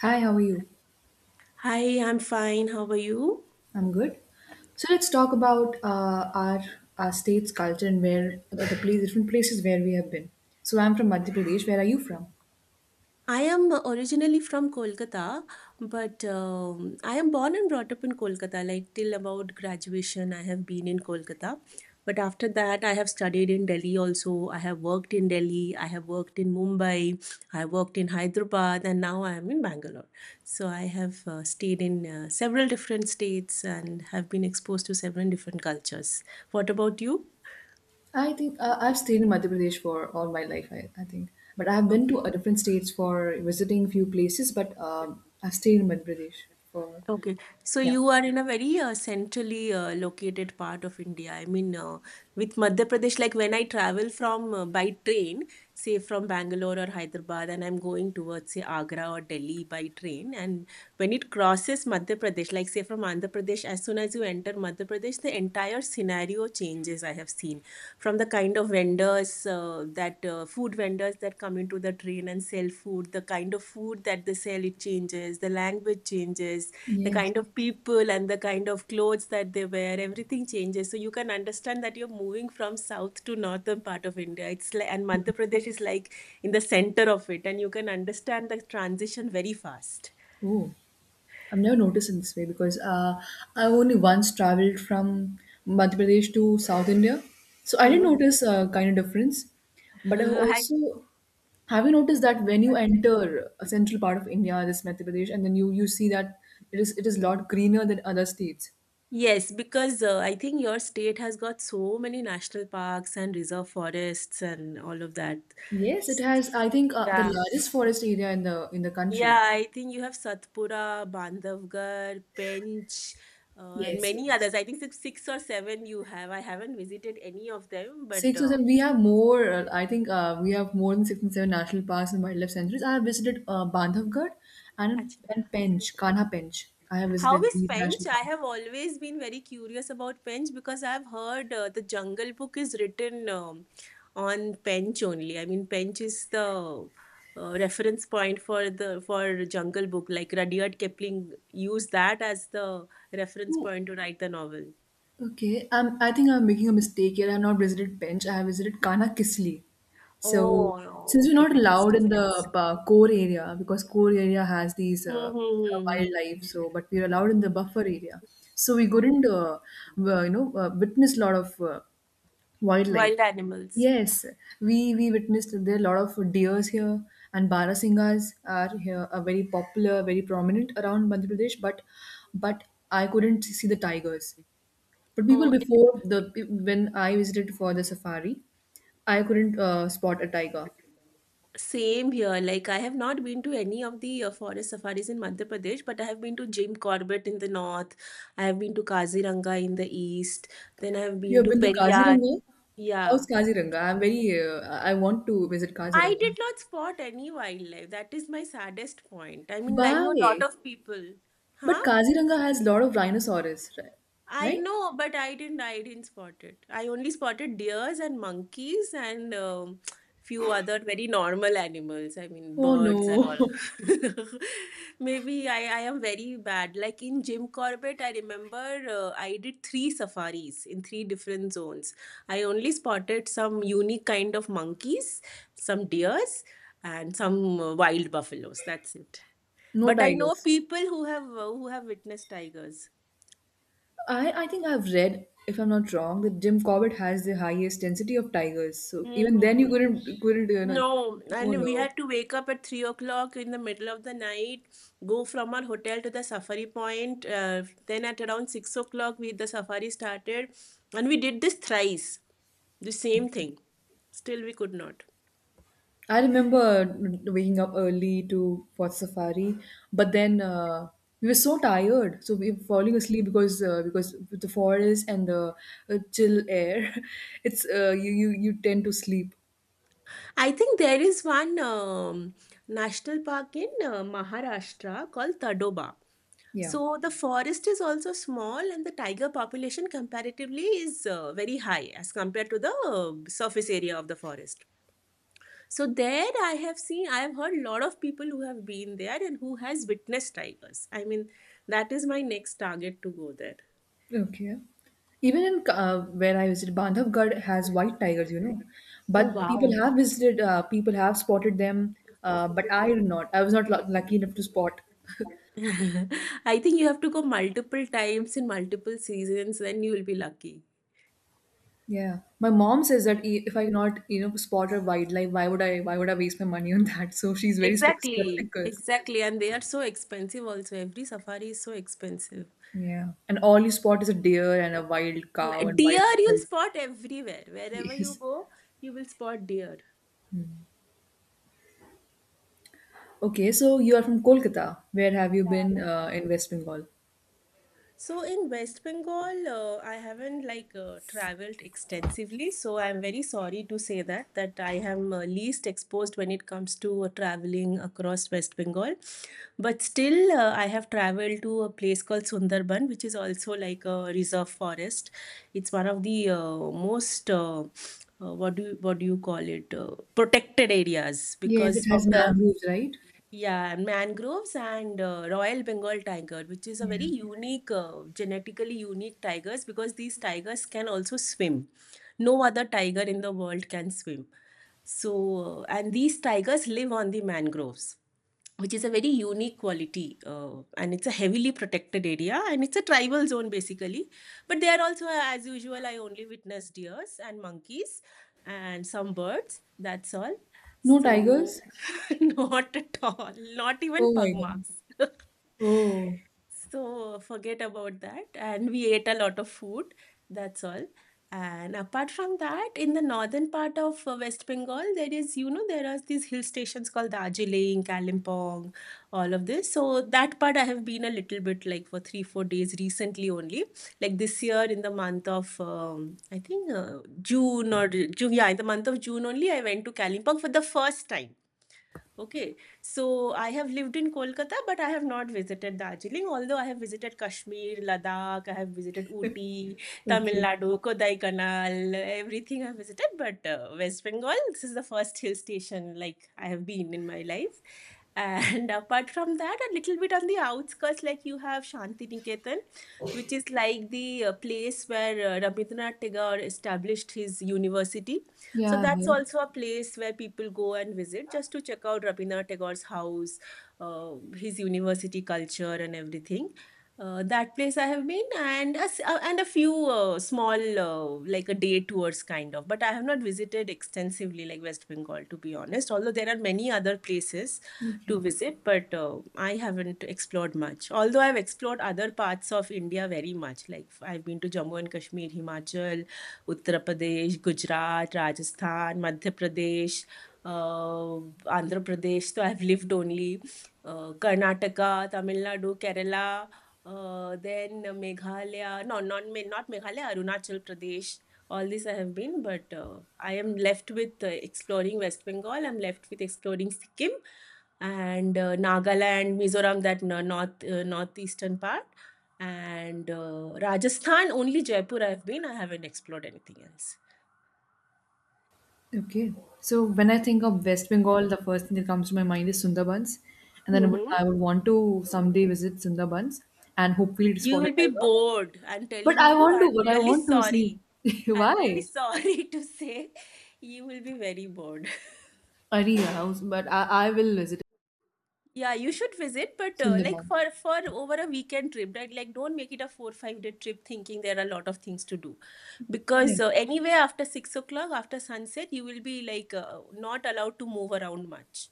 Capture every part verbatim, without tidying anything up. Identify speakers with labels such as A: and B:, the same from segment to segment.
A: Hi, how are you?
B: Hi, I'm fine. How are you?
A: I'm good. So let's talk about uh, our our state's culture and where the, the place, different places where we have been. So I'm from Madhya Pradesh. Where are you from?
B: I am originally from Kolkata, but um, I am born and brought up in Kolkata. Like till about graduation, I have been in Kolkata. But after that, I have studied in Delhi also. I have worked in Delhi, I have worked in Mumbai, I worked in Hyderabad, and now I am in Bangalore. So I have uh, stayed in uh, several different states and have been exposed to several different cultures. What about you?
A: I think uh, I've stayed in Madhya Pradesh for all my life. I, I think, but I've been
B: Okay.
A: to uh, different states for visiting few places. But um, I've stayed in Madhya Pradesh for
B: Okay, so
A: yeah.
B: you are in a very uh, centrally uh, located part of India. I mean, uh, with Madhya Pradesh, like when I travel from uh, by train, say from Bangalore or Hyderabad, and I'm going towards say Agra or Delhi by train, and when it crosses Madhya Pradesh, like say from Andhra Pradesh, as soon as you enter Madhya Pradesh, the entire scenario changes. I have seen from the kind of vendors uh, that uh, food vendors that come into the train and sell food, the kind of food that they sell it changes, the language changes, the
A: Yes.
B: kind of people and the kind of clothes that they wear, everything changes, so you can understand that you're moving from south to northern part of India. It's like, and Madhya Pradesh is like in the center of it, and you can understand the transition very fast.
A: Oh. I've never noticed in this way because uh, I only once traveled from Madhya Pradesh to South India, so I didn't
B: Hmm.
A: notice a kind of difference. But I
B: I,
A: also have you noticed that when you enter a central part of India, this Madhya Pradesh, and then you you see that it is it is a lot greener than other states.
B: yes because uh, I think your state has got so many national parks and reserve forests and all of that.
A: Yes, it
B: S-
A: has. I think uh, the
B: yeah
A: largest forest area in the in the country.
B: Yeah, I think you have Satpura, Bandhavgarh, Pench, uh, and
A: Yes,
B: many
A: yes.
B: others. I think six, six or seven you have. I haven't visited any of them, but
A: Six or
B: uh,
A: seven. We have more. uh, I think uh, we have more than six and seven national parks and wildlife sanctuaries. I have visited uh, Bandhavgarh and
B: actually,
A: and Pench, Kanha Pench. I have
B: how
A: visited
B: is
A: these national
B: Pench? I
A: parks.
B: have always been very curious about Pench because I've heard uh, the Jungle Book is written um, on Pench only. I mean, Pench is the uh, reference point for the for Jungle Book. Like Rudyard Kipling used that as the reference
A: Oh,
B: point to write the novel.
A: okay. Um, I think I'm making a mistake here. I have not visited Pench. I have visited Kanha Kisli. So
B: Oh,
A: since
B: oh,
A: we're
B: okay,
A: not
B: that is
A: allowed in the
B: difference.
A: uh, core area because core area has these uh, uh,
B: Mm-hmm.
A: wildlife, so but we're allowed in the buffer area. So we couldn't,
B: Okay.
A: uh, w- you know, uh, witness a lot of uh, wildlife.
B: Wild animals.
A: Yes, we we witnessed that there are a lot of deers here, and barasingas are here are very popular, very prominent around Madhya Pradesh. But but I couldn't see the tigers. But people
B: Oh, it,
A: before the when I visited for the safari, I couldn't uh, spot a tiger.
B: same here. Like I have not been to any of the uh, forest safaris in Madhya Pradesh, but I have been to Jim Corbett in the north. I have been to Kaziranga in the east. Then I have
A: You
B: been
A: have
B: to
A: been to
B: Periyar.
A: Kaziranga? How's
B: Yeah.
A: Kaziranga? I'm very uh, I want to visit
B: I did
A: Kaziranga.
B: not spot any wildlife. That is my saddest point. I mean, I know a lot
A: Why?
B: of people. Huh?
A: But Kaziranga has a lot of rhinoceros, right?
B: I
A: Right?
B: know, but I didn't. I didn't spot it. I only spotted deers and monkeys and um, few other very normal animals. I mean,
A: Oh
B: birds and
A: no.
B: all. Maybe I, I am very bad. Like in Jim Corbett, I remember uh, I did three safaris in three different zones. I only spotted some unique kind of monkeys, some deers, and some uh, wild buffaloes. That's it.
A: No
B: But I know
A: tigers.
B: people who have uh, who have witnessed tigers.
A: I, I think I've read, if I'm not wrong, that Jim Corbett has the highest density of tigers. So
B: Mm,
A: even then
B: mm,
A: you
B: mm.
A: couldn't couldn't you know,
B: No,
A: oh
B: and we
A: no.
B: had to wake up at three o'clock in the middle of the night, go from our hotel to the safari point. Uh, then at around six o'clock, we the safari started, and we did this thrice, the same thing. Still, we could not.
A: I remember waking up early to watch safari, but then uh, we were so tired, so we were falling asleep because uh, because with the forest and the uh, chill air, it's uh, you you you tend to sleep.
B: I think there is one um, national park in uh, Maharashtra called Tadoba.
A: Yeah.
B: So the forest is also small, and the tiger population comparatively is uh, very high as compared to the uh, surface area of the forest. So there I have seen I have heard a lot of people who have been there and who has witnessed tigers. I mean that is my next target to go there.
A: Okay. Even in uh, where I visited, Bandhavgarh has white tigers, you know.
B: Oh,
A: But people
B: wow.
A: have visited, uh, people have spotted them, uh, but I did not. I was not lu lucky enough to spot.
B: I think you have to go multiple times in multiple seasons, then you will be lucky.
A: Yeah. My mom says that i- if I cannot, you know, spot a wildlife, why would I, why would I waste my money on that? So she's very spec-
B: Exactly.
A: skeptical.
B: Exactly, and they are so expensive also, every safari is so expensive.
A: Yeah. And all you spot is a deer and a wild
B: Yeah,
A: cow and wild
B: deer you'll
A: buffalo.
B: spot everywhere, wherever you
A: Yes.
B: go you will spot deer.
A: Okay, so you are from Kolkata. Where have you been uh, in West Bengal?
B: So in West Bengal, uh, I haven't like uh, traveled extensively, so I'm very sorry to say that that I am uh, least exposed when it comes to uh, traveling across West Bengal. But still, uh, I have traveled to a place called Sundarban, which is also like a reserve forest. It's one of the uh, most uh, uh, what do you, what do you call it uh, protected areas
A: Yes, it
B: because
A: has
B: of the.
A: mangroves, right?
B: Yeah, mangroves and uh, Royal Bengal tiger, which is a very unique, uh, genetically unique tigers because these tigers can also swim. No other tiger in the world can swim. So, uh, and these tigers live on the mangroves, which is a very unique quality. Uh, and it's a heavily protected area, and it's a tribal zone basically. But there also, uh, as usual, I only witnessed deers and monkeys and some birds. That's all.
A: No
B: So,
A: tigers?
B: not at all. Not
A: Oh
B: even
A: my
B: pug
A: God.
B: marks.
A: Oh,
B: So forget about that. And we ate a lot of food. That's all. And apart from that, in the northern part of uh, West Bengal, there is, you know, there are these hill stations called Darjeeling, Kalimpong, all of this. So that part I have been a little bit like for three, four days recently only. Like this year in the month of, um, I think uh, June or June, yeah, in the month of June only, I went to Kalimpong for the first time. Okay, so I have lived in Kolkata, but I have not visited Darjeeling, although I have visited Kashmir, Ladakh, I have visited Ooty, Tamil
A: okay.
B: Nadu, Kodai Kodaikanal, everything I have visited, but uh, West Bengal, this is the first hill station like I have been in my life. And apart from that, a little bit on the outskirts, like you have Shanti Niketan, which is like the uh, place where uh, Rabindranath Tagore established his university, so
A: Yeah, I've
B: that's
A: heard.
B: also a place where people go and visit just to check out Rabindranath Tagore's house, uh, his university culture, and everything. Uh, that place I have been, and a, s- uh, and a few uh, small uh, like a day tours kind of. But I have not visited extensively like West Bengal to be honest. Although there are many other places
A: Okay.
B: to visit, but uh, I haven't explored much. Although I've explored other parts of India very much. Like I've been to Jammu and Kashmir, Himachal, उत्तर प्रदेश, गुजरात, राजस्थान, मध्य प्रदेश, आंध्र प्रदेश, तो I have lived only Karnataka, Tamil Nadu, Kerala, then Meghalaya, no, not Me- not Meghalaya, Arunachal Pradesh, all this I have been, but uh, I am left with uh, exploring West Bengal, I'm left with exploring Sikkim, and uh, Nagaland, Mizoram, that n- north uh, northeastern part, and uh, Rajasthan, only Jaipur I've been. I haven't explored anything else.
A: Okay. So when I think of West Bengal, the first thing that comes to my mind is Sundarbans. And then I would,
B: Mm-hmm.
A: I would want to someday visit Sundarbans and hopefully to
B: You
A: spot a
B: will be
A: tiger.
B: bored. I'm
A: But
B: telling
A: I
B: you,
A: want to,
B: I'm
A: but I
B: really
A: want to see
B: sorry. I'm really
A: why.
B: sorry to say you will be very bored.
A: Ariya, but I, I will visit
B: Yeah, you should visit, but uh, like
A: Sundarban.
B: for for over a weekend trip, right? Like don't make it a four five day trip thinking there are a lot of things to do
A: Yeah.
B: because uh, anyway after six o'clock after sunset you will be like uh, not allowed to move around much,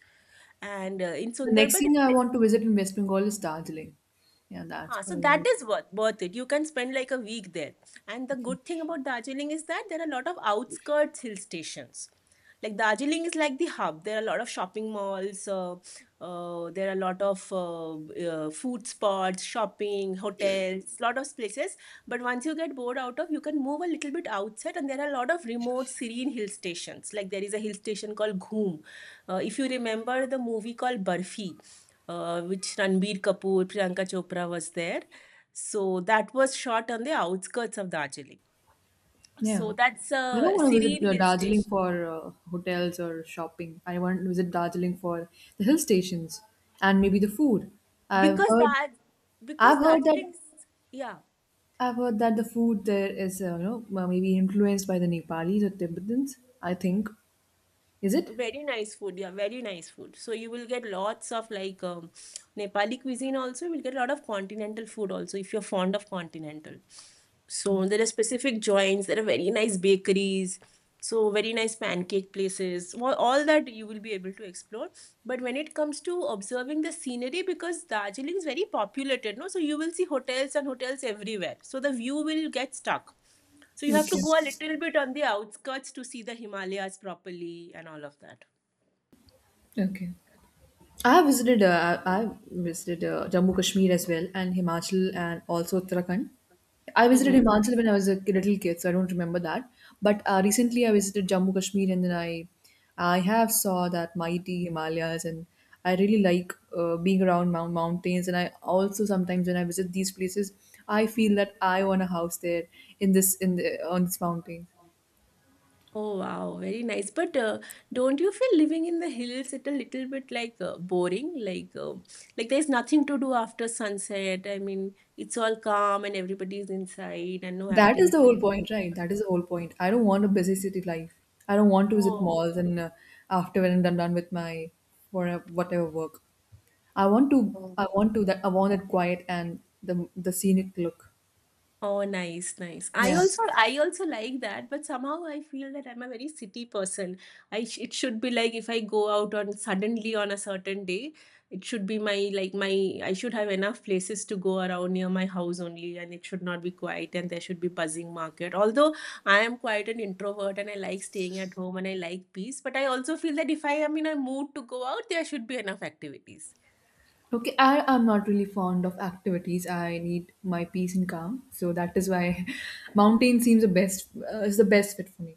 B: and uh, in
A: The next
B: Sundarban.
A: thing I
B: it-
A: want to visit in West Bengal is Darjeeling. Yeah, that's
B: Huh,
A: what
B: so
A: I want
B: that
A: to
B: is worth, worth it. You can spend like a week there. And the
A: visit.
B: good thing
A: Okay.
B: about Darjeeling is that there are a lot of outskirts hill stations. Like Darjeeling is like the hub. There are a lot of shopping malls. Uh, uh, there are a lot of uh, uh, food spots, shopping, hotels, lot of places. But once you get bored out of, you can move a little bit outside, and there are a lot of remote, serene hill stations. Like there is a hill station called Ghoom. Uh, if you remember the movie called Barfi, uh, which Ranbir Kapoor, Priyanka Chopra was there. So that was shot on the outskirts of Darjeeling.
A: Yeah.
B: So that's
A: I don't
B: a
A: want to visit
B: serene
A: uh,
B: hill
A: Darjeeling
B: station
A: for uh, hotels or shopping. I want to visit Darjeeling for the hill stations and maybe the food. I've
B: because
A: heard,
B: that
A: I've
B: because
A: heard that,
B: Darjeeling, is- yeah.
A: I've heard that the food there is, uh, you know, m- maybe influenced by the Nepalis or Tibetans. I think, is it?
B: Very nice food, yeah, very nice food. So you will get lots of like um, Nepali cuisine also. You will get a lot of continental food also if you're fond of continental. So there are specific joints. There are very nice bakeries. So very nice pancake places. All, all that you will be able to explore. But when it comes to observing the scenery, because Darjeeling is very populated, no, so you will see hotels and hotels everywhere. So the view will get stuck. So you have
A: Okay.
B: to go a little bit on the outskirts to see the Himalayas properly and all of that.
A: Okay. I visited uh, I visited uh, Jammu Kashmir as well and Himachal and also Uttarakhand. I visited
B: Mm-hmm.
A: Himachal when I was a ki- little kid, so I don't remember that. But uh, recently I visited Jammu Kashmir and then I I have saw that mighty Himalayas and I really like uh, being around mount- mountains and I also sometimes when I visit these places I feel that I want a house there in this in the on this mountain.
B: Oh wow, very nice. But uh, don't you feel living in the hills it a little bit like uh, boring? Like uh, like there's nothing to do after sunset. I mean, it's all calm and everybody's inside and no
A: That is the whole
B: activity.
A: point, right? That is the whole point. I don't want a busy city life. I don't want to visit
B: Oh.
A: malls and uh, after when I'm done, done with my for whatever work. I want to. I want to that. I want that quiet and the the scenic look.
B: Oh, nice, nice. I
A: Yeah.
B: also I also like that, but somehow I feel that I'm a very city person. I sh It should be like if I go out on suddenly on a certain day, it should be my like my I should have enough places to go around near my house only, and it should not be quiet and there should be buzzing market. Although I am quite an introvert and I like staying at home and I like peace, but I also feel that if I am in a mood to go out, there should be enough activities.
A: Okay. I am not really fond of activities. I need my peace and calm. So that is why mountain seems the best. Uh, is the best fit for me.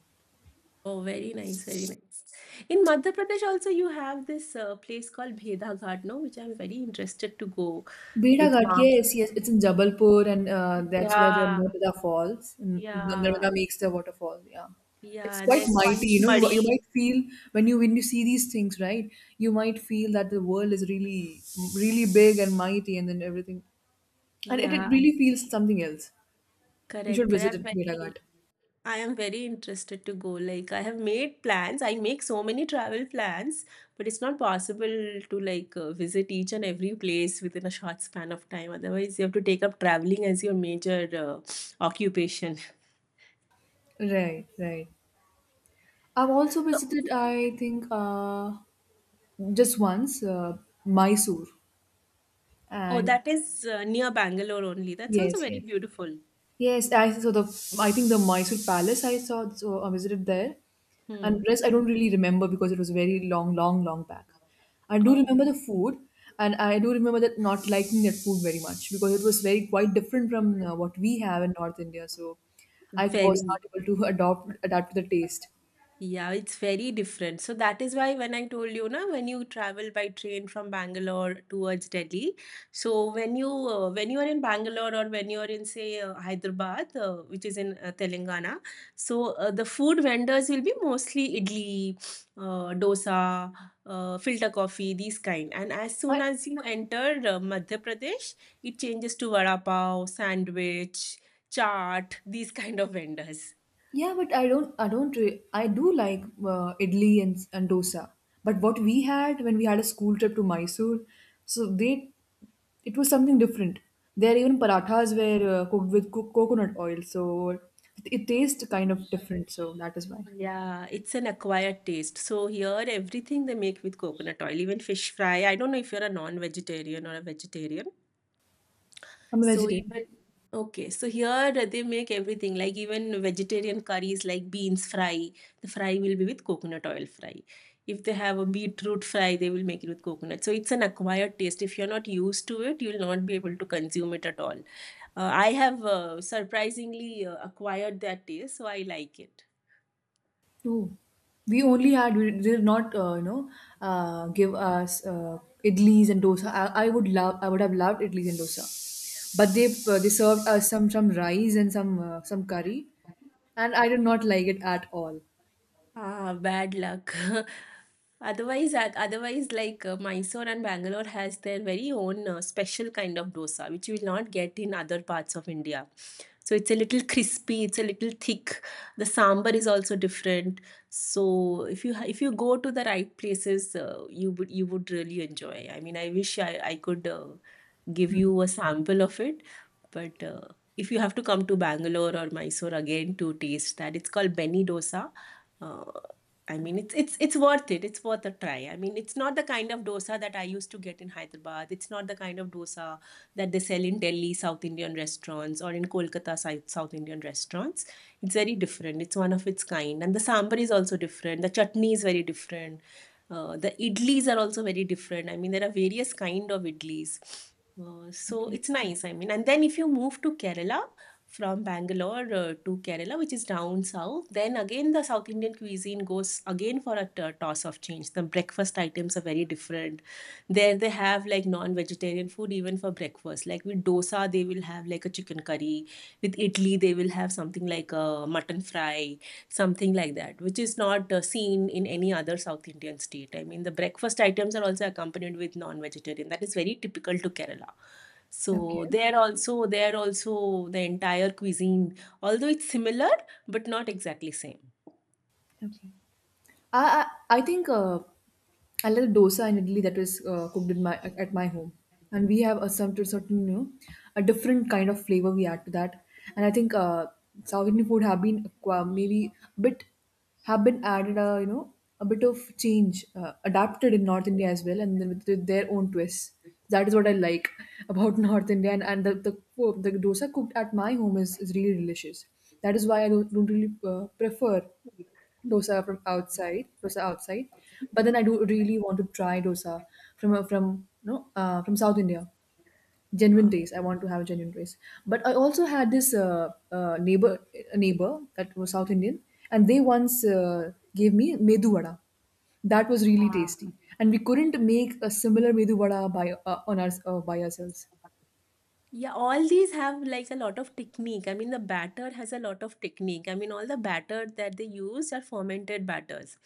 B: Oh, very nice, very nice. In Madhya Pradesh also you have this uh, place called Bheda Ghat, no, which I'm very interested to go
A: Beta
B: with
A: Ghat,
B: mom.
A: yes, yes, it's in Jabalpur, and uh, that's where the
B: Yeah,
A: Narmada falls. And the
B: yeah,
A: Narmada makes the waterfall. Yeah, it's
B: yeah. And
A: quite
B: there's
A: mighty. You know, you you
B: Panchmadi.
A: might feel when you when you see these things, right? You might feel that the world is really really big and mighty, and then everything, and it, it
B: Yeah,
A: really feels something else. You
B: correct,
A: should
B: correct.
A: visit
B: I'm
A: it, Beta
B: very,
A: Ghat.
B: I am very interested to go. Like I have made plans. I make so many travel plans, but it's not possible to like uh, visit each and every place within a short span of time. Otherwise, you have to take up traveling as your major uh, occupation.
A: Right, right. I've also
B: So
A: visited, I think, uh, just once, uh, Mysore,
B: Oh,
A: and
B: that is uh, near Bangalore only. That sounds
A: yes,
B: very
A: yes.
B: beautiful.
A: Yes, I saw the. I think the Mysore Palace I saw. So I visited there,
B: Hmm.
A: and rest I don't really remember because it was very long, long, long back. I do
B: Oh,
A: remember the food, and I do remember that not liking that food very much because it was very quite different from uh, what we have in North India. So I was not
B: very.
A: able to adopt adapt to the taste.
B: Yeah, it's very different. So that is why when I told you, na, when you travel by train from Bangalore towards Delhi, so when you uh, when you are in Bangalore or when you are in say uh, Hyderabad, uh, which is in uh, Telangana, so uh, the food vendors will be mostly idli, uh, dosa, uh, filter coffee, these kind. And as soon
A: I
B: as you enter uh, Madhya Pradesh, it changes to vada pav, sandwich, chaat, these kind of vendors.
A: yeah, but I don't I don't re- I do like uh, idli and and dosa. But what we had when we had a school trip to Mysore, so they it was something different. There even parathas were uh, cooked with co- coconut oil, so it, it tastes kind of different. So that is why
B: Yeah, it's an acquired taste. So here, everything they make with coconut oil, even fish fry. I don't know if you're a non-vegetarian or a vegetarian.
A: I'm a
B: So
A: vegetarian.
B: even okay, so here they make everything like even vegetarian curries like beans fry. The fry will be with coconut oil fry. If they have a beetroot fry, they will make it with coconut. So it's an acquired taste. If you're not used to it, you'll not be able to consume it at all. Uh, I have uh, surprisingly uh, acquired that taste, so I like
A: Oh, we only had we did not uh, you know uh, give us uh, idlis and dosa. I, I would love I would have loved idlis and dosa, but they uh, they served us some some rice and some uh, some
B: it.
A: curry, and I did not like it at all.
B: Ah, bad luck. Otherwise, oth- otherwise, like uh, Mysore and Bangalore has their very own uh, special kind of dosa, which you will not get in other parts of India. So it's a little crispy, it's a little thick. The sambar is also different. So if you ha- if you go to the right places, uh, you would you would really enjoy. I mean, I wish I I could uh, give you a sample of it but uh, if you have to come to Bangalore or Mysore again to taste that, it's called Benny dosa. Uh, I mean, it's it's it's worth it. It's worth a try. I mean, it's not the kind of dosa that I used to get in Hyderabad. It's not the kind of dosa that they sell in Delhi South Indian restaurants or in Kolkata South South Indian restaurants. It's very different. It's one of its kind, and the sambar is also different. The chutney is very different. Uh, the idlis are also very different. I mean, there are various kind of idlis. Uh, so
A: Okay.
B: it's nice, I mean. And then if you move to Kerala from Bangalore uh, to Kerala, which is down south, then again the South Indian cuisine goes again for a t- toss of change. The breakfast items are very different. There they have like non-vegetarian food even for breakfast. Like with dosa, they will have like a chicken curry. With idli, they will have something like a mutton fry something like that, which is not uh, seen in any other South Indian state. I mean, the breakfast items are also accompanied with non-vegetarian. That is very typical to Kerala.
A: Okay.
B: So there also, there also the entire cuisine, although it's similar, but not exactly same.
A: Okay. I I, I think uh, I love dosa and idli that was uh, cooked in my at my home, and we have a certain certain you know a different kind of flavor we add to that, and I think uh, South Indian food have been acqua- maybe a bit have been added a you know a bit of change uh, adapted in North India as well, and then with, with their own twists. That is what I like about North India, and, and the, the oh, the dosa cooked at my home is, is really delicious. That is why I don't, don't really uh, prefer dosa from outside, dosa outside. But then I do really want to try dosa from uh, from you know, uh, from South India. Genuine taste. I want to have a genuine taste. But I also had this uh, uh, neighbor a neighbor that was South Indian, and they once uh, gave me medu vada. That was really tasty, and we couldn't make a similar medu vada by uh, on our uh, by ourselves.
B: Yeah, all these have like a lot of technique. I mean, the batter has a lot of technique. I mean, all the batter that they use are fermented batters.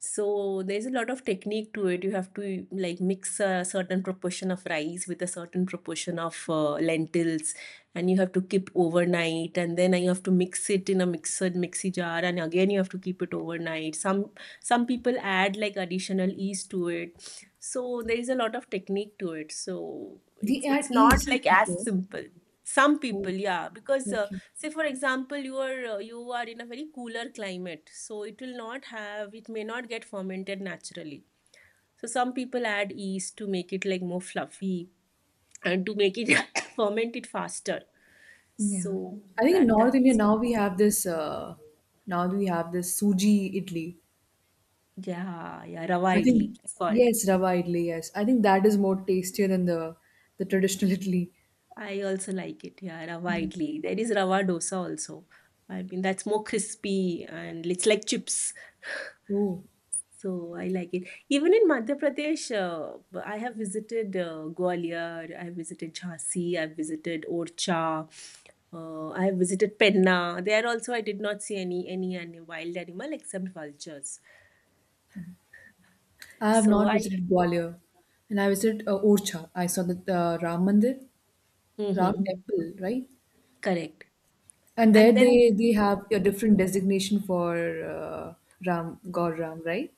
B: So there's a lot of technique to it. You have to like mix a certain proportion of rice with a certain proportion of uh, lentils, and you have to keep overnight. And then you have to mix it in a mixer mixy jar, and again you have to keep it overnight. Some some people add like additional yeast to it so there is a lot of technique to it. So
A: We
B: it's
A: had
B: it's not
A: yeast.
B: like as
A: Okay.
B: simple. Some
A: Oh,
B: people, yeah, because uh,
A: okay.
B: say for example, you are uh, you are in a very cooler climate, so it will not have it may not get fermented naturally. So some people add yeast to make it like more fluffy and to make it ferment it faster.
A: Yeah.
B: So
A: I think in
B: that
A: North
B: that
A: India
B: is
A: now we have this uh now we have this suji idli.
B: yeah yeah rava
A: I
B: idli
A: think
B: it's called.
A: yes, rava idli, yes. I think that is more tastier than the the traditional idli.
B: I also like it. Yeah, rava
A: Yeah.
B: idli. There is rava dosa also. I mean, that's more crispy and it's like chips.
A: Oh.
B: So I like it. Even in Madhya Pradesh, uh, I have visited uh, Gwalior, I have visited Jhansi, I have visited Orcha, uh, I have visited Penna. There also, I did not see any any any wild animal except vultures.
A: I have
B: So
A: not
B: I
A: visited Gwalior and I visited uh, Orcha. I saw the uh, Ram Mandir, Ram
B: mhm,
A: temple, right?
B: correct.
A: And there
B: And then
A: they they have a different designation for uh, Ram God Ram, right?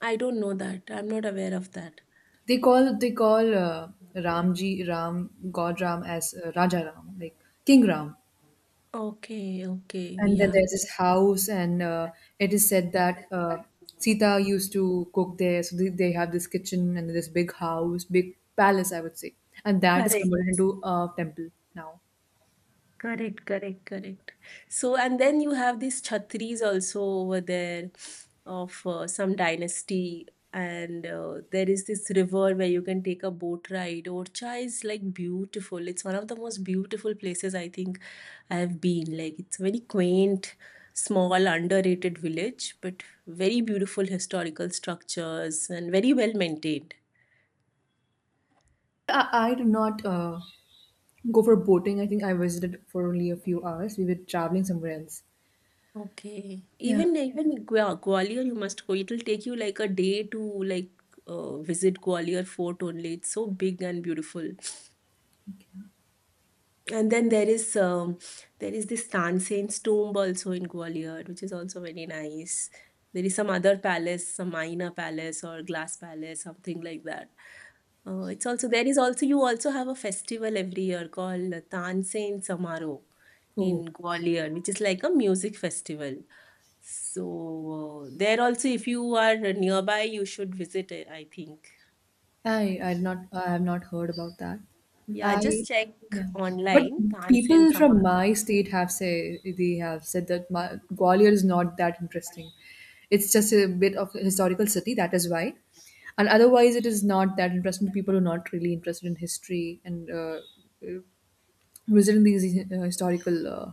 B: I don't know that. I'm not aware of that.
A: They call they call uh, Ramji Ram God Ram as uh, Raja Ram, like King Ram.
B: Okay, okay,
A: And then
B: yeah,
A: there's this house, and uh, it is said that uh, Sita used to cook there. So they, they have this kitchen and this big house, big palace, I would say, and that is converted
B: correct.
A: into a temple now.
B: Correct, correct, correct. So, and then you have these Chhatris also over there of uh, some dynasty, and uh, there is this river where you can take a boat ride. Orcha is like beautiful. It's one of the most beautiful places I think I have been. Like, it's a very quaint, small, underrated village, but very beautiful historical structures and very well maintained.
A: I, I did not uh, go for boating. I think I visited for only a few hours. We were traveling somewhere else.
B: Okay.
A: Yeah.
B: Even even Gwa- Gwalior, you must go. It'll take you like a day to like uh, visit Gwalior Fort only. It's so big and beautiful.
A: Okay.
B: And then there is um, there is this Tansen's tomb also in Gwalior, which is also very nice. There is some other palace, some Maina Palace or Glass Palace, something like that. Uh, it's also there is also you also have a festival every year called Tansen Samaro
A: Oh.
B: in Gwalior, which is like a music festival. So uh, there also, if you are nearby, you should visit it, I think.
A: I I'd not I have not heard about that.
B: Yeah, just
A: I
B: check
A: yeah, but
B: online and send
A: people from
B: someone.
A: my state have say they have said that my, Gwalior is not that interesting. It's just a bit of a historical city. That is why, and otherwise it is not that interesting to people who are not really interested in history and uh, uh, visiting these uh, historical uh,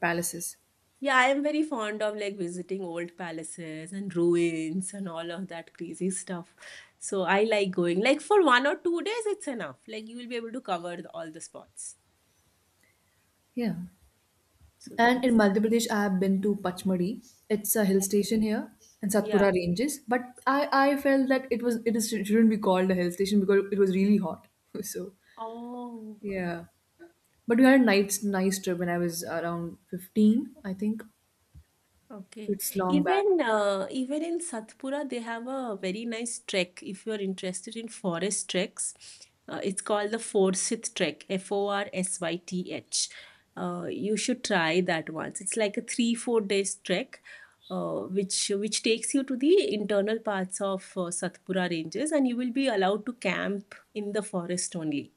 A: palaces.
B: Yeah, I am very fond of like visiting old palaces and ruins and all of that crazy stuff. So I like going. Like for one or two days, it's enough. Like you will be able to cover the- all the spots.
A: Yeah.
B: So
A: And in
B: that's
A: Madhya Pradesh, I have been to Pachmadi. It's a hill station here in
B: yeah.
A: Satpura Ranges. But I, I felt that it was it is, shouldn't be called a hill station because it was really hot. So
B: Oh.
A: yeah, but we had a nice nice trip when I was around fifteen, I think. So
B: Okay.
A: it's long back.
B: Even uh, even in Satpura, they have a very nice trek. If you are interested in forest treks, uh, it's called the Forsyth Trek, F O R S Y T H. Uh, you should try that once. It's like a three, four days trek, uh, which which takes you to the internal parts of uh, Satpura ranges, and you will be allowed to camp in the forest only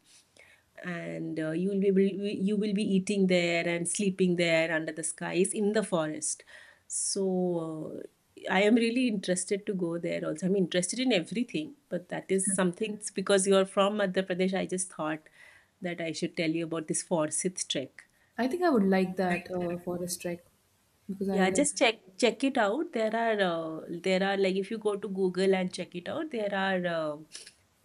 B: and uh, you will be able, you will be eating there and sleeping there under the skies in the forest so, uh, I am really interested to go there also. I'm interested in everything, but that is something it's because you're from Madhya Pradesh. I just thought that I should tell you about this Forsyth trek.
A: I think I would like that uh, forest trek because I
B: Yeah,
A: like.
B: just check check it out. There are uh, there are like if you go to Google and check it out, there are uh,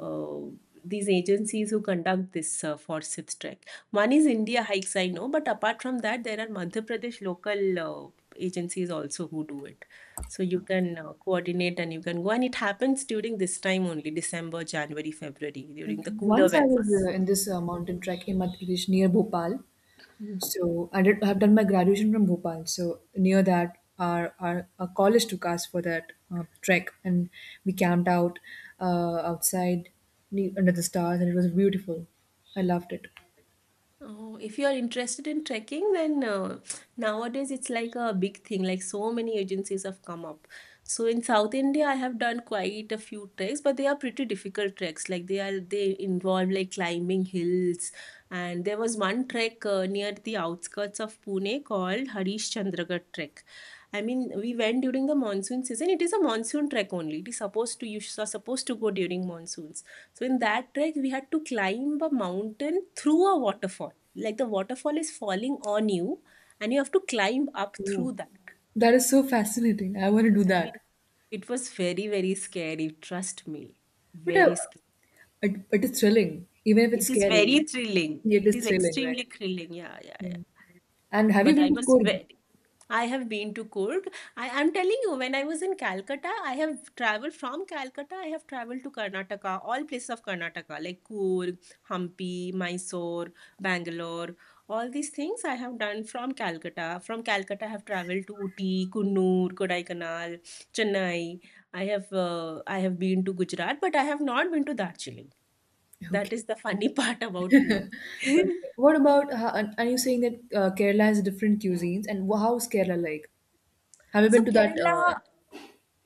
B: uh, these agencies who conduct this uh, Forsyth Trek. One is India Hikes, I know, but apart from that, there are Madhya Pradesh local uh, agencies also who do it. So you can uh, coordinate and you can go, and it happens during this time only, December, January, February, during the
A: Okay.
B: cooler
A: Once I was
B: weather.
A: uh, in this uh, mountain trek in Madhya Pradesh near Bhopal. So I did. I have done my graduation from Bhopal. So near that, our our, our college took us for that uh, trek, and we camped out uh, outside ne- under the stars, and it was beautiful. I loved it.
B: Oh, if you are interested in trekking, then uh, nowadays it's like a big thing. Like so many agencies have come up. So in South India, I have done quite a few treks, but they are pretty difficult treks. Like they are they involve like climbing hills, and there was one trek uh, near the outskirts of Pune called Harish Chandragarh trek. I mean, we went during the monsoon season. It is a monsoon trek only. It is supposed to You are supposed to go during monsoons. So in that trek, we had to climb a mountain through a waterfall like the waterfall is falling on you and you have to climb up through
A: Oh,
B: that.
A: that is so fascinating. I want to do
B: I mean,
A: that.
B: it was very very scary, trust me,
A: But I,
B: very scary.
A: it, it is thrilling, even if it's
B: It is
A: scary.
B: very thrilling,
A: It
B: it
A: is
B: is
A: thrilling, right?
B: extremely thrilling, yeah yeah yeah.
A: Yeah. And have you
B: but
A: been
B: I
A: to
B: was
A: Kurg?
B: very. I have been to Kurg. I am telling you, when I was in Calcutta, I have traveled from Calcutta. I have traveled to Karnataka, all places of Karnataka, like Kurg, Hampi, Mysore, Bangalore. All these things I have done from Calcutta. From Calcutta, I have traveled to Uti, Kunnur, Kodaikanal, Chennai. I have uh, I have been to Gujarat, but I have not been to Darjeeling. That
A: Okay.
B: is the funny part about me.
A: Okay. What about, uh, and and you saying that uh, Kerala has different cuisines, and wh- how's Kerala like? Have you
B: So
A: been to that uh,
B: Kerala,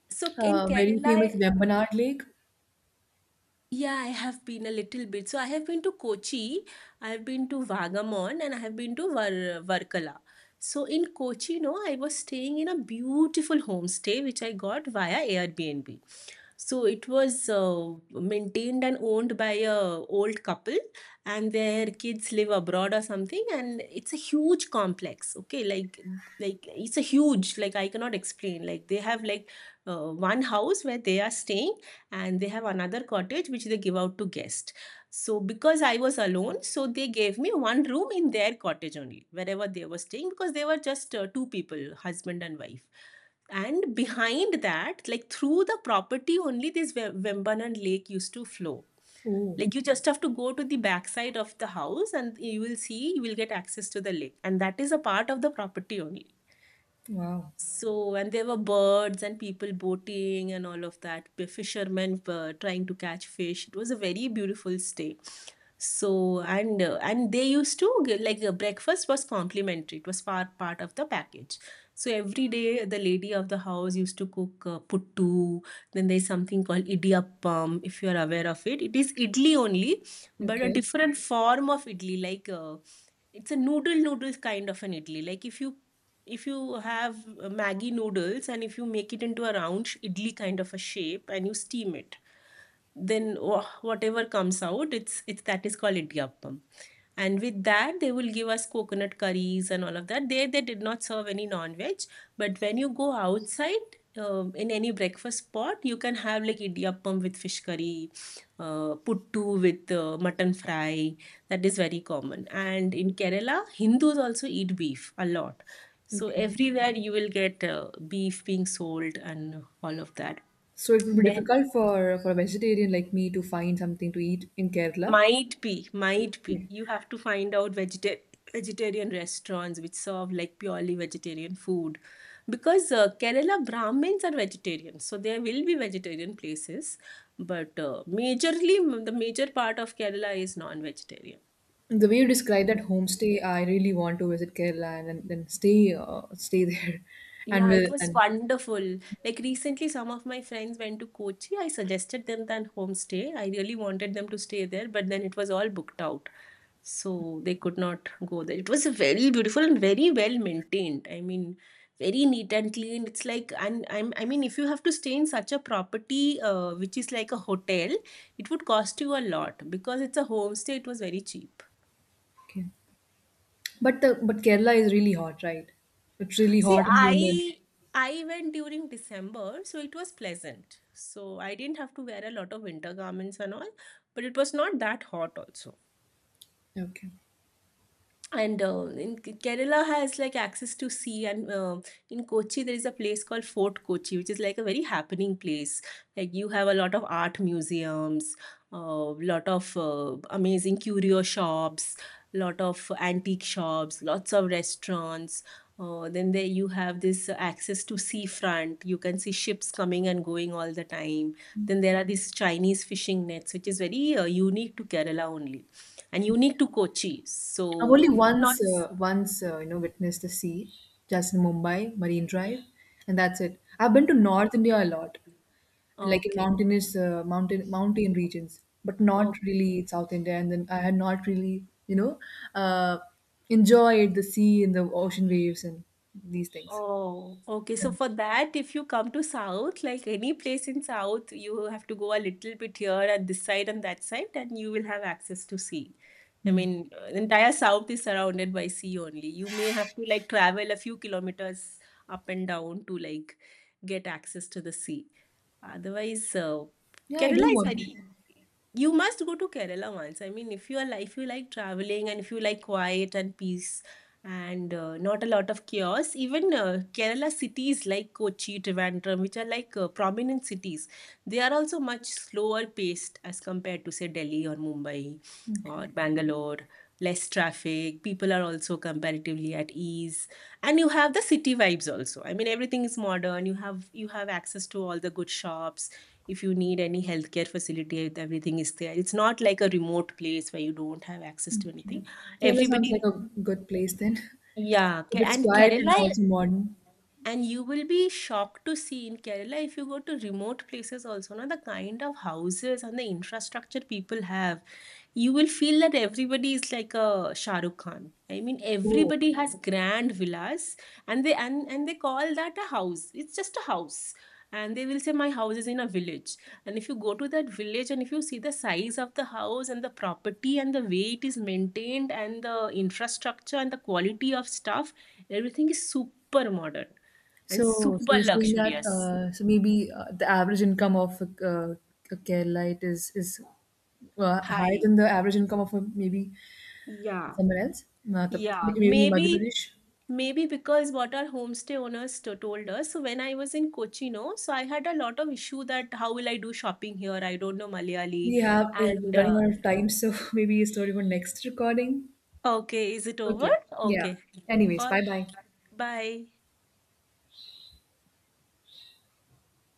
B: so in
A: uh, very famous
B: Kerala,
A: Vembanad Lake?
B: yeah, I have been a little bit. So I have been to Kochi, I have been to Vagamon, and I have been to Var Varkala. So in Kochi, no, I was staying in a beautiful homestay which I got via Airbnb. So it was uh, maintained and owned by a old couple, and their kids live abroad or something. And it's a huge complex. Okay, like like it's a huge, like I cannot explain. Like they have like uh, one house where they are staying and they have another cottage which they give out to guests. So because I was alone, so they gave me one room in their cottage only, wherever they were staying, because they were just uh, two people, husband and wife. And behind that, like through the property only, this Ve- Vembanan lake used to flow.
A: Oh,
B: Like you just have to go to the backside of the house and you will see, you will get access to the lake. And that is a part of the property only.
A: wow.
B: So, and there were birds and people boating and all of that. The fishermen were trying to catch fish. It was a very beautiful stay. So, and uh, and they used to get, like uh, breakfast was complimentary. It was part part of the package. So every day, the lady of the house used to cook uh, puttu. Then there's something called idiyappam. If you are aware of it, it is idli only, but a
A: Okay,
B: different form of idli, like. Uh, it's a noodle noodles kind of an idli, like if you if you have uh, maggi noodles and if you make it into a round sh- idli kind of a shape and you steam it, then wha- whatever comes out, it's it's that is called idyappam, and with that they will give us coconut curries and all of that. There they did not serve any non-veg, but when you go outside, um in any breakfast spot you can have like idiyappam with fish curry, uh, puttu with uh, mutton fry. That is very common. And in Kerala, Hindus also eat beef a lot. So
A: okay.
B: everywhere you will get uh, beef being sold and all of that.
A: So it would be
B: Then.
A: difficult for for a vegetarian like me to find something to eat in Kerala.
B: Might be, might be.
A: Okay.
B: You have to find out vegeta- vegetarian restaurants which serve like purely vegetarian food. Because uh, Kerala Brahmins are vegetarian, so there will be vegetarian places, but uh, majorly, the major part of Kerala is non vegetarian.
A: The way you describe that homestay, I really want to visit Kerala and then, then stay uh, stay there, and
B: Yeah, it
A: will
B: was
A: and
B: wonderful. Like recently, some of my friends went to Kochi. I suggested them that homestay. I really wanted them to stay there, but then it was all booked out. So they could not go there. It was very beautiful and very well maintained. I mean, very neat and clean. It's like, and I'm, I mean, if you have to stay in such a property, uh, which is like a hotel, it would cost you a lot. Because it's a homestay, it was very cheap.
A: okay. But the but Kerala is really hot, right? It's really
B: See,
A: hot and humid.
B: I I went during December, so it was pleasant. So I didn't have to wear a lot of winter garments and all, but it was not that hot also.
A: Okay.
B: And uh, in K- Kerala has like access to sea. And uh, in Kochi there is a place called Fort Kochi, which is like a very happening place. Like you have a lot of art museums, a uh, lot of uh, amazing curio shops, lot of antique shops, lots of restaurants, uh, then there you have this access to seafront, you can see ships coming and going all the time. Then there are these Chinese fishing nets, which is very uh, unique to Kerala only and unique to Kochi.
A: I've
B: So
A: only
B: you
A: once,
B: cannot.
A: uh, once uh, you know, witnessed the sea, just in Mumbai, Marine Drive, and that's it. I've been to North India a lot, like in
B: Okay.
A: mountainous, uh, mountain, mountain regions, but not
B: Okay.
A: really South India. And then I had not really, you know, uh, enjoyed the sea and the ocean waves and these things.
B: Oh, okay.
A: Yeah,
B: So for that, if you come to South, like any place in South, you have to go a little bit here and this side and that side, and you will have access to sea. I
A: hmm.
B: mean, uh, the entire South is surrounded by sea only. You may have to like travel a few kilometers up and down to like get access to the sea. Otherwise, uh,
A: Yeah, I do
B: Kerala is
A: want it.
B: very. You must go to Kerala once. I mean, if you are like, if you like traveling and if you like quiet and peace and uh, not a lot of chaos, even uh, Kerala cities like Kochi, Trivandrum, which are like uh, prominent cities, they are also much slower paced as compared to say Delhi or Mumbai
A: Okay.
B: or Bangalore. Less traffic. People are also comparatively at ease, and you have the city vibes also. I mean, everything is modern, you have you have access to all the good shops. If you need any healthcare facility, everything is there. It's not like a remote place where you don't have access to
A: Okay.
B: anything.
A: Kerala sounds
B: Everybody,
A: like a good place then, if,
B: yeah.
A: if
B: Ke-
A: it's
B: and
A: quiet and
B: Kerala,
A: also modern.
B: and you will be shocked to see in Kerala, if you go to remote places also now, the kind of houses and the infrastructure people have, you will feel that everybody is like a Shah Rukh Khan. I mean,
A: Oh.
B: everybody has grand villas, and they and, and they call that a house. It's just a house, and they will say my house is in a village. And if you go to that village, and if you see the size of the house and the property and the way it is maintained and the infrastructure and the quality of stuff, everything is super modern and
A: So, so
B: super
A: you're saying that
B: luxurious.
A: uh, so maybe uh, the average income of a, uh, a Keralite is is uh, higher
B: High.
A: than the average income of a, maybe
B: Yeah.
A: somewhere else, Uh, the-
B: Yeah,
A: maybe in Madhya
B: maybe,
A: Pradesh.
B: maybe, because what our homestay owners to- told us. So when I was in Kochi, no, so I had a lot of issue that how will I do shopping here? I don't know Malayali.
A: We have uh,
B: And
A: running
B: uh,
A: out of time, so maybe a story for next recording.
B: okay, is it over?
A: Okay. Yeah.
B: Okay,
A: Anyways,
B: all
A: bye
B: right,
A: bye.
B: bye.